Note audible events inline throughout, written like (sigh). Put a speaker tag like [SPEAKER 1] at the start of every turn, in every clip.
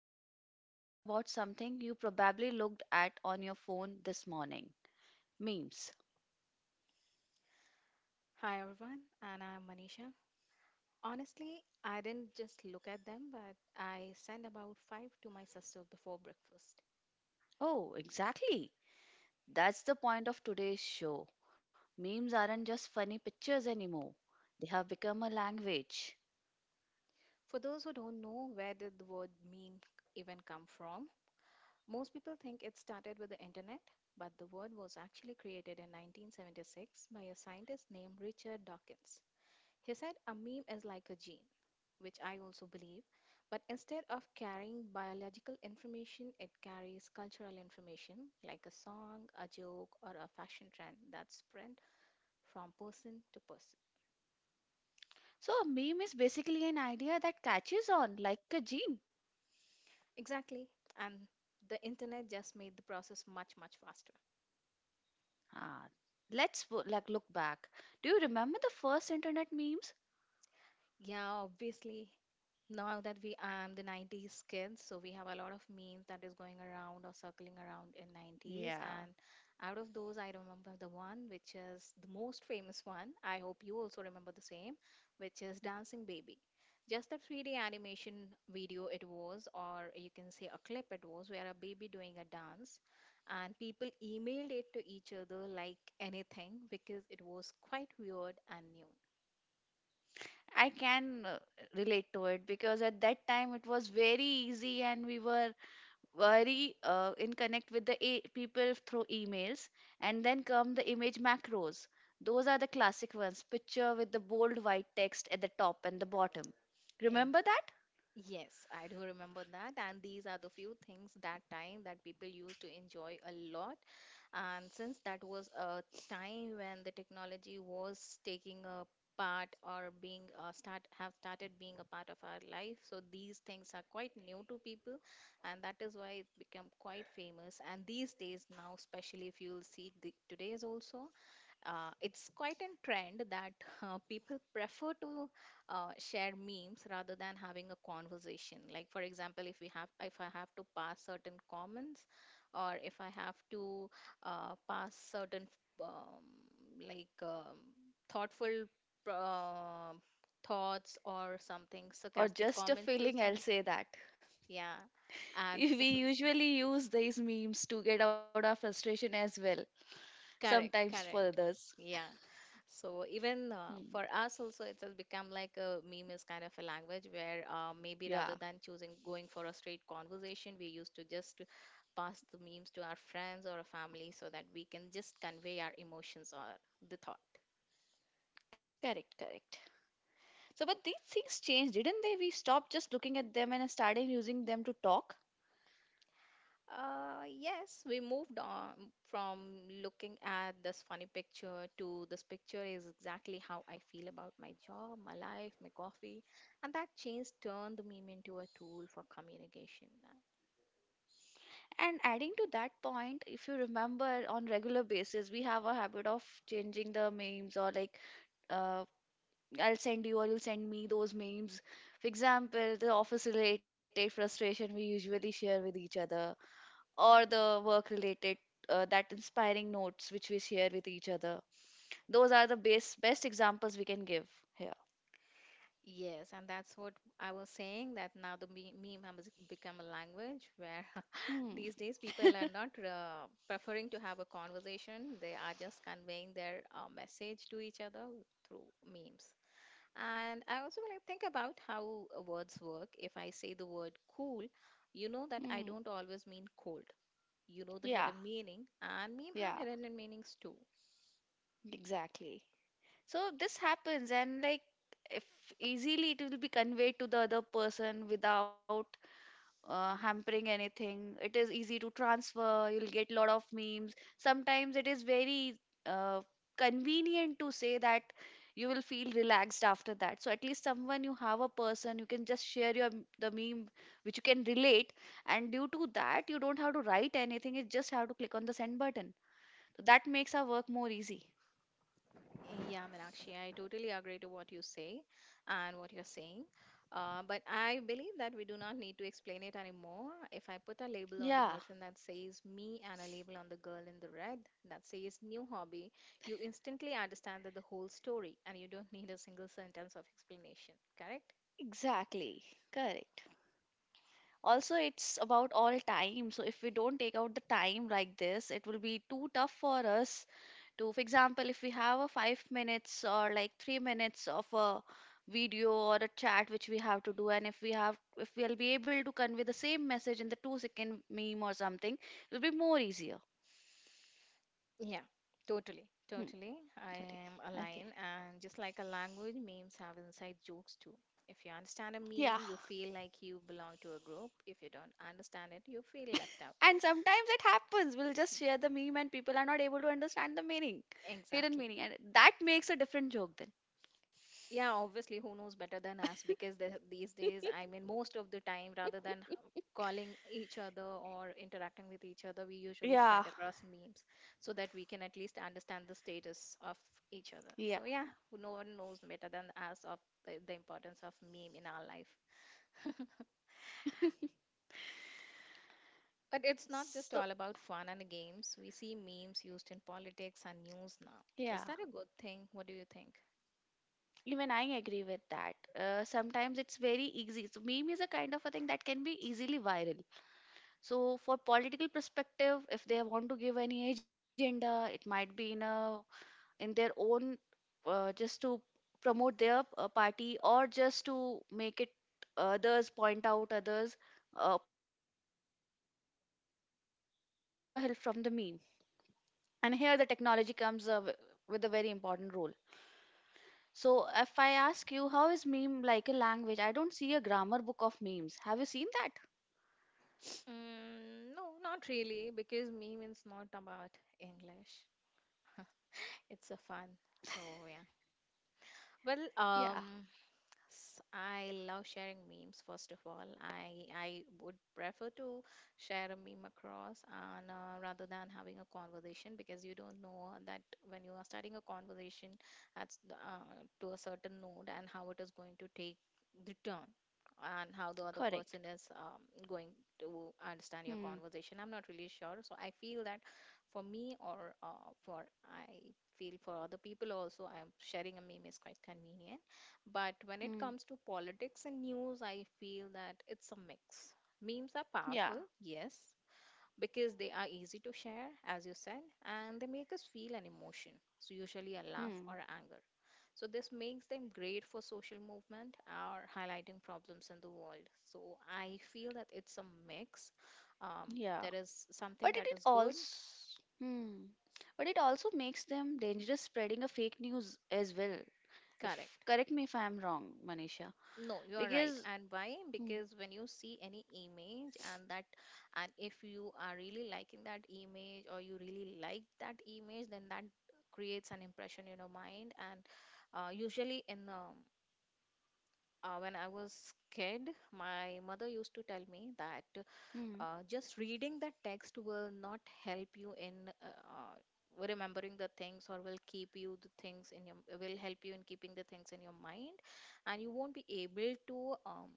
[SPEAKER 1] Today we are talking about something you probably looked at on your phone this morning: memes.
[SPEAKER 2] Hi everyone, and I'm Manisha. Honestly, I didn't just look at them, but I sent about five to my sister before breakfast.
[SPEAKER 1] Oh, exactly. That's the point of today's show. Memes aren't just funny pictures anymore, they have become a language.
[SPEAKER 2] For those who don't know, where did the word meme even come from? Most people think it started with the internet, but the word was actually created in 1976 by a scientist named Richard Dawkins. He said a meme is like a gene, which I also believe. But instead of carrying biological information, it carries cultural information like a song, a joke, or a fashion trend that's spread from person to person.
[SPEAKER 1] So, a meme is basically an idea that catches on like a gene.
[SPEAKER 2] Exactly. And the internet just made the process much, much faster.
[SPEAKER 1] Ah, let's look back. Do you remember the first internet memes?
[SPEAKER 2] Yeah, obviously. Now that we I'm the 90s kids, so we have a lot of memes that is going around or circling around in 90s.
[SPEAKER 1] Yeah.
[SPEAKER 2] And out of those, I remember the one which is the most famous one. I hope you also remember the same, which is Dancing Baby. Just a 3D animation video it was, or you can say a clip it was, where a baby doing a dance. And people emailed it to each other like anything because it was quite weird and new.
[SPEAKER 1] I can relate to it because at that time it was very easy and we were very in connect with the people through emails. And then come the image macros. Those are the classic ones, picture with the bold white text at the top and the bottom.
[SPEAKER 2] Eh,
[SPEAKER 1] Remember that?
[SPEAKER 2] Yes, I do remember that. And these are the few things that time that people used to enjoy a lot. And since that was a time when the technology was taking a part or being started being a part of our life, so these things are quite new to people, and that is why it became quite famous. And these days now, especially if you'll see today's also, it's quite a trend that (laughs) people prefer to share memes, rather than having a conversation. Like, for example, if we have if I have to pass certain comments, or if I have to pass certain, um, like, thoughtful, uh, thoughts or something
[SPEAKER 1] Or
[SPEAKER 2] sarcastic
[SPEAKER 1] just a
[SPEAKER 2] comments to
[SPEAKER 1] feeling, I'll
[SPEAKER 2] some.
[SPEAKER 1] say that.
[SPEAKER 2] Yeah.
[SPEAKER 1] (laughs)
[SPEAKER 2] And
[SPEAKER 1] We
[SPEAKER 2] (laughs)
[SPEAKER 1] usually use these memes to get out our frustration as well,
[SPEAKER 2] correct,
[SPEAKER 1] sometimes for
[SPEAKER 2] correct.
[SPEAKER 1] others.
[SPEAKER 2] Yeah. So even,
[SPEAKER 1] Hmm.
[SPEAKER 2] for us also, it has become like a meme is kind of a language where, maybe
[SPEAKER 1] Yeah,
[SPEAKER 2] rather than choosing going for a straight conversation, we used to just pass the memes to our friends or our family so that we can just convey our emotions or the thought.
[SPEAKER 1] correct, correct. So, but these things changed, didn't they? We stopped just looking at them and started using them to talk.
[SPEAKER 2] Yes, we moved on from looking at this funny picture to this picture is exactly how I feel about my job, my life, my coffee, and that change turned the meme into a tool for communication.
[SPEAKER 1] And adding to that point, if you remember, on regular basis, we have a habit of changing the memes or like, uh, I'll send you or you'll send me those memes. For example, the office-related frustration we usually share with each other, or the work-related. That inspiring notes which we share with each other. Those are the best examples we can give here.
[SPEAKER 2] Yes, and that's what I was saying, that now the meme has become a language where (laughs)
[SPEAKER 1] Hmm.
[SPEAKER 2] these days people are not preferring to have a conversation. They are just conveying their message to each other through memes. And I also want to think about how words work. If I say the word cool, you know that I
[SPEAKER 1] Hmm.
[SPEAKER 2] don't always mean cold. You know the
[SPEAKER 1] Yeah.
[SPEAKER 2] hidden meaning, and meme have
[SPEAKER 1] Yeah.
[SPEAKER 2] hidden meanings too.
[SPEAKER 1] Exactly. So this happens, and like if easily it will be conveyed to the other person without hampering anything. It is easy to transfer. You'll get lot of memes. Sometimes it is very uh, convenient to say that you will feel relaxed after that. So at least someone, you have a person you can just share your the meme which you can relate, and due to that you don't have to write anything. You just have to click on the send button. So that makes our work more easy.
[SPEAKER 2] Yeah, Meenakshi, I totally agree to what you say and what you're saying. But I believe that we do not need to explain it anymore. If I put a label on the
[SPEAKER 1] Yeah.
[SPEAKER 2] bottle that says me and a label on the girl in the red that says new hobby, you instantly understand that the whole story and you don't need a single sentence of explanation, correct?
[SPEAKER 1] Exactly. Correct. Also, it's about all time. So, if we don't take out the time like this, it will be too tough for us to, for example, if we have a 5 minutes or like 3 minutes of a video or a chat which we have to do, and if we have, if we'll be able to convey the same message in the 2 second meme or something, it'll be more easier.
[SPEAKER 2] Yeah, totally.
[SPEAKER 1] Hmm.
[SPEAKER 2] Totally. I
[SPEAKER 1] Sorry.
[SPEAKER 2] am
[SPEAKER 1] Okay.
[SPEAKER 2] aligned. And just like a language, memes have inside jokes too. If you understand a
[SPEAKER 1] Yeah.
[SPEAKER 2] meme, you feel like you belong to a group. If you don't understand it, you feel left out.
[SPEAKER 1] And sometimes it happens. We'll just share the meme and people are not able to understand the meaning, hidden meaning.
[SPEAKER 2] Exactly.
[SPEAKER 1] And that makes a different joke then.
[SPEAKER 2] Yeah, obviously, who knows better than us? Because these days, I mean, most of the time, rather than calling each other or interacting with each other, we usually
[SPEAKER 1] Yeah,
[SPEAKER 2] send across memes so that we can at least understand the status of each other.
[SPEAKER 1] yeah.
[SPEAKER 2] So, yeah, no one knows better than us of the importance of meme in our life. (laughs) But it's not just
[SPEAKER 1] So,
[SPEAKER 2] all about fun and games. We see memes used in politics and news now. Is
[SPEAKER 1] yeah,
[SPEAKER 2] that a good thing? What do you think?
[SPEAKER 1] even I agree with that. Sometimes it's very easy. So, meme is a kind of a thing that can be easily viral. So, for political perspective, if they want to give any agenda, it might be in a in their own just to promote their party or just to make it others, point out others opposite opposition party. It is easy for them to take a help from the meme, and here the technology comes with a very important role. So if I ask you, how is meme like a language? I don't see a grammar book of memes. Have you seen that?
[SPEAKER 2] No, not really, because meme is not about English. It's a fun. So yeah. Well,
[SPEAKER 1] Yeah.
[SPEAKER 2] I love sharing memes, first of all. I would prefer to share a meme across and, rather than having a conversation, because you don't know that when you are starting a conversation to a certain node and how it is going to take the turn and how the other
[SPEAKER 1] Correct.
[SPEAKER 2] person is, going to understand your
[SPEAKER 1] Hmm.
[SPEAKER 2] conversation. I'm not really sure. So I feel that for me, or for I feel for other people also, I'm sharing a meme is quite convenient, but when it
[SPEAKER 1] Hmm.
[SPEAKER 2] comes to politics and news, I feel that it's a mix. Memes are
[SPEAKER 1] Yeah.
[SPEAKER 2] powerful, yes, because they are easy to share, as you said, and they make us feel an emotion, so usually a laugh or
[SPEAKER 1] Hmm.
[SPEAKER 2] anger. So this makes them great for social movement or highlighting problems in the world. So I feel that it's a mix.
[SPEAKER 1] Yeah.
[SPEAKER 2] There is something
[SPEAKER 1] But it,
[SPEAKER 2] that
[SPEAKER 1] it
[SPEAKER 2] is good.
[SPEAKER 1] also, hmm, but it also makes them dangerous, spreading a fake news as well. If
[SPEAKER 2] Correct.
[SPEAKER 1] correct me if I'm wrong, Manisha,
[SPEAKER 2] No, you are right.
[SPEAKER 1] because
[SPEAKER 2] And why?
[SPEAKER 1] hmm,
[SPEAKER 2] Because when you see any image and that, and if you are really liking that image or you really like that image, then that creates an impression in your mind. And usually, in when I was kid, my mother used to tell me that,
[SPEAKER 1] hmm,
[SPEAKER 2] just reading the text will not help you in, remembering the things, or will keep you the things in your will help you in keeping the things in your mind, and you won't be able to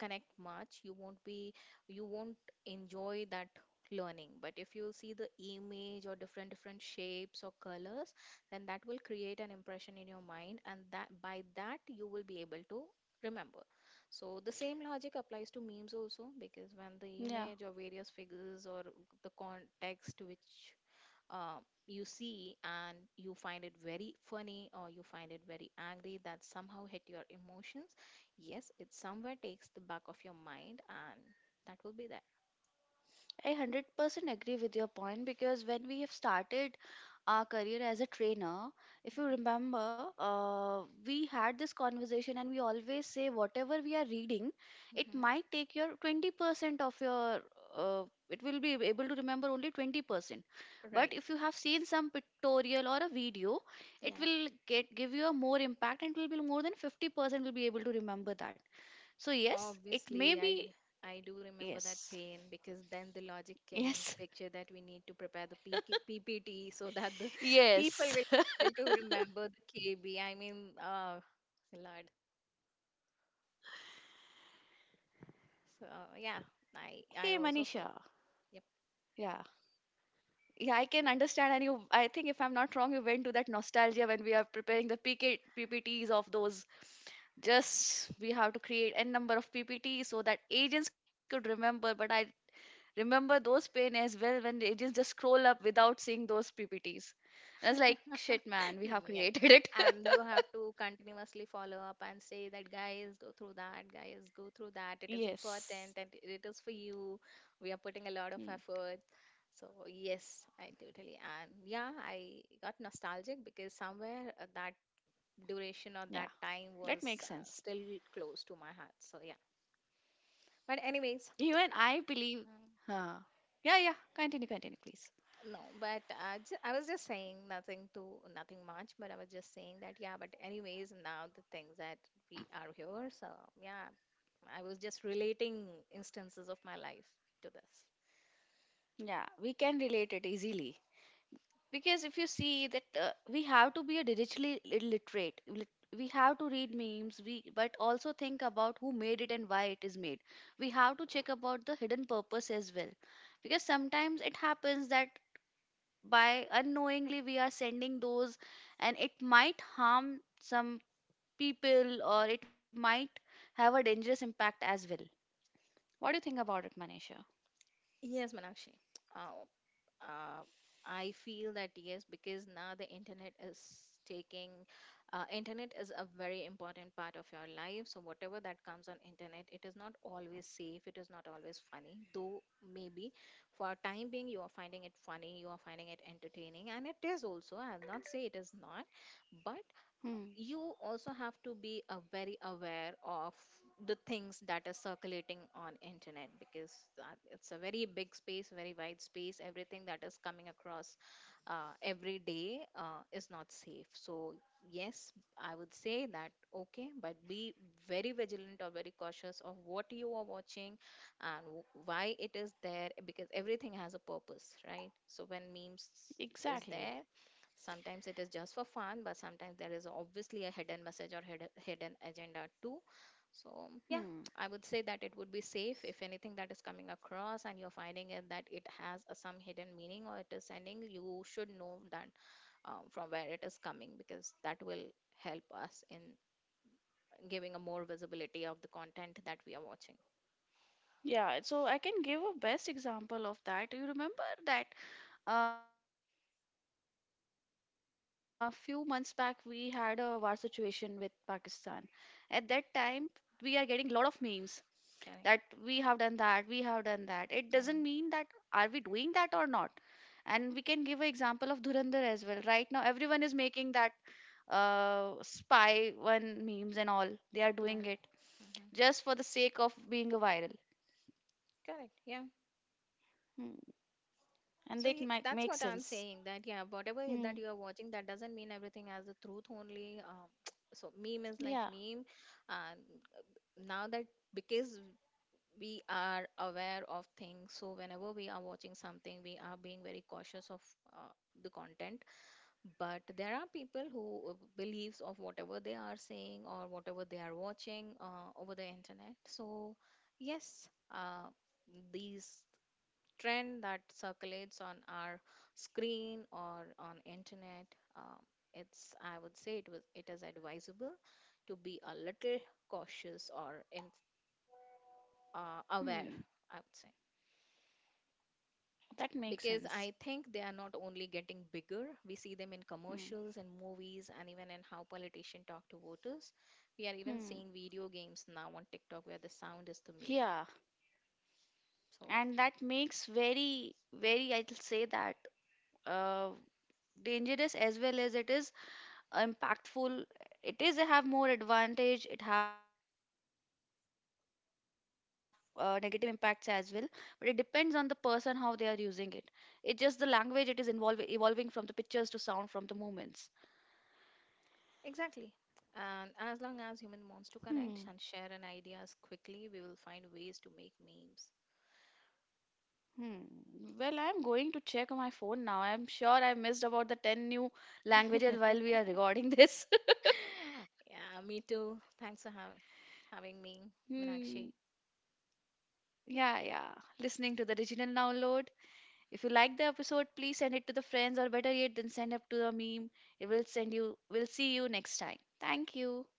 [SPEAKER 2] connect much. You won't enjoy that learning. But if you see the image or different different shapes or colors, then that will create an impression in your mind, and that, you will be able to remember. So the same logic applies to memes also, because when the
[SPEAKER 1] yeah.
[SPEAKER 2] image or various figures or the context, which uh, you see, and you find it very funny or you find it very angry, that somehow hit your emotions. Yes, it somewhere takes the back of your mind and that will be there.
[SPEAKER 1] I 100% agree with your point, because when we have started our career as a trainer, if you remember, we had this conversation and we always say whatever we are reading,
[SPEAKER 2] Hmm.
[SPEAKER 1] it
[SPEAKER 2] Hmm.
[SPEAKER 1] might take your 20% of your, uh, it will be able to remember only 20%. But
[SPEAKER 2] Right.
[SPEAKER 1] if you have seen some pictorial or a video, it
[SPEAKER 2] Yeah.
[SPEAKER 1] will get give you a more impact and it will be more than 50% will be able to remember that. So yes, it may
[SPEAKER 2] Obviously, i d-
[SPEAKER 1] be
[SPEAKER 2] i do remember that
[SPEAKER 1] yes.
[SPEAKER 2] pain, because then the logic came
[SPEAKER 1] Yes.
[SPEAKER 2] into picture that we need to prepare the ppt so that the (laughs) people
[SPEAKER 1] (laughs) Yes.
[SPEAKER 2] will be able to remember the kb, I mean, lord.
[SPEAKER 1] Hey
[SPEAKER 2] So
[SPEAKER 1] Manisha.
[SPEAKER 2] yeah. I also
[SPEAKER 1] Yeah.
[SPEAKER 2] feel. Yep.
[SPEAKER 1] Yeah, I can understand and you, I think if I'm not wrong, you went to that nostalgia when we are preparing the PK, PPTs of those. Just we have to create n number of PPTs so that agents could remember, but I remember those pain as well when the agents just scroll up without seeing those PPTs. And I was like, shit
[SPEAKER 2] (laughs)
[SPEAKER 1] man, we have
[SPEAKER 2] Yeah.
[SPEAKER 1] created it.
[SPEAKER 2] And you have to continuously follow up and say that, guys, go through that, guys, go through that. It is
[SPEAKER 1] (laughs)
[SPEAKER 2] important and
[SPEAKER 1] Yes.
[SPEAKER 2] it is for you. We are putting a lot of
[SPEAKER 1] Hmm.
[SPEAKER 2] effort. So, yes, I totally. And yeah, I got nostalgic because
[SPEAKER 1] Yeah.
[SPEAKER 2] somewhere, that
[SPEAKER 1] That makes sense.
[SPEAKER 2] duration or that time was, still close to my heart. So, yeah. But,
[SPEAKER 1] Even
[SPEAKER 2] anyways.
[SPEAKER 1] I believe,
[SPEAKER 2] mm,
[SPEAKER 1] huh. Yeah, yeah. Continue, continue, please.
[SPEAKER 2] No, but I was just saying, nothing much, but I was just saying that yeah, but anyways, now the things that we are here, so yeah, I was just relating instances of my life to this.
[SPEAKER 1] Yeah, we can relate it easily because if you see that we have to be a we have to read memes, we but also think about who made it and why it is made. We have to check about the hidden purpose as well, because sometimes it happens that by unknowingly we are sending those, and it might harm some people or it might have a dangerous impact as well. What do you think about it, Manisha?
[SPEAKER 2] Yes, Manakshi. uh, I feel that yes, because now the internet is, taking, a very important part of your life. So whatever that comes on internet, it is not always safe. It is not always funny, though maybe for time being you are finding it funny, you are finding it entertaining, and it is also. I'll not say it is not, but
[SPEAKER 1] Hmm,
[SPEAKER 2] you also have to be very aware of the things that are circulating on internet, because it's a very big space, very wide space. Everything that is coming across every day is not safe. So yes, I would say that okay, but be very vigilant or very cautious of what you are watching, and why it is there, because everything has a purpose, right? So when memes is
[SPEAKER 1] exactly.
[SPEAKER 2] there, sometimes it is just for fun, but sometimes there is obviously a hidden message or hidden agenda too. So, yeah,
[SPEAKER 1] Hmm.
[SPEAKER 2] I would say that it would be safe, if anything that is coming across and you're finding it that it has some hidden meaning or it is sending, you should know that, from where it is coming, because that will help us in giving a more visibility of the content that we are watching.
[SPEAKER 1] Yeah, so I can give a best example of that. You remember that a few months back we had a war situation with Pakistan. At that time, we are getting a lot of memes that we have done
[SPEAKER 2] Correct.
[SPEAKER 1] that, we have done that. It doesn't mean that
[SPEAKER 2] Yeah.
[SPEAKER 1] are we doing that or not. And we can give an example of Dhurandhar as well. Right now, everyone is making that spy one memes and all. They are doing
[SPEAKER 2] Yeah.
[SPEAKER 1] it
[SPEAKER 2] Hmm.
[SPEAKER 1] just for the sake of being a viral.
[SPEAKER 2] Correct. Yeah.
[SPEAKER 1] Hmm. And
[SPEAKER 2] So
[SPEAKER 1] that might
[SPEAKER 2] that's
[SPEAKER 1] make
[SPEAKER 2] what I'm
[SPEAKER 1] sense.
[SPEAKER 2] saying, that yeah, whatever
[SPEAKER 1] Hmm.
[SPEAKER 2] that you are watching, that doesn't mean everything as the truth only. (tsk) So meme is like
[SPEAKER 1] Yeah.
[SPEAKER 2] meme, and now that because we are aware of things, so whenever we are watching something, we are being very cautious of uh, the content. But there are people who believes of whatever they are saying or whatever they are watching over the internet. So yes, these trend that circulates on our screen or on internet, um, it's I would say, it is advisable to be a little cautious or, aware,
[SPEAKER 1] Hmm.
[SPEAKER 2] I would say,
[SPEAKER 1] That makes
[SPEAKER 2] because I
[SPEAKER 1] sense.
[SPEAKER 2] think they are not only getting bigger. We see them in
[SPEAKER 1] Hmm.
[SPEAKER 2] commercials and movies, and even in how politicians talk to voters. We are even seeing
[SPEAKER 1] Hmm.
[SPEAKER 2] video games now on TikTok where the sound is the meme.
[SPEAKER 1] Yeah.
[SPEAKER 2] So,
[SPEAKER 1] And that makes very, very, I'll say that, uh, dangerous as well as it is impactful. It is have more advantage. It have negative impacts as well. But it depends on the person how they are using it. It just the language. It is involve evolving from the pictures to sound, from the movements.
[SPEAKER 2] exactly. And as long as
[SPEAKER 1] Hmm.
[SPEAKER 2] human wants to connect and share an ideas quickly, we will find ways to make memes.
[SPEAKER 1] Hmm. Well, I'm going to check on my phone now. I'm sure I missed about the 10 new languages
[SPEAKER 2] (laughs)
[SPEAKER 1] while we are recording this. (laughs)
[SPEAKER 2] Yeah, me too. Thanks for having me,
[SPEAKER 1] Hmm.
[SPEAKER 2] Minakshi.
[SPEAKER 1] Yeah, yeah. Listening to the original download. If you like the episode, please send it to the friends, or better yet, then send it to the meme. It will send you, we'll see you next time. Thank you.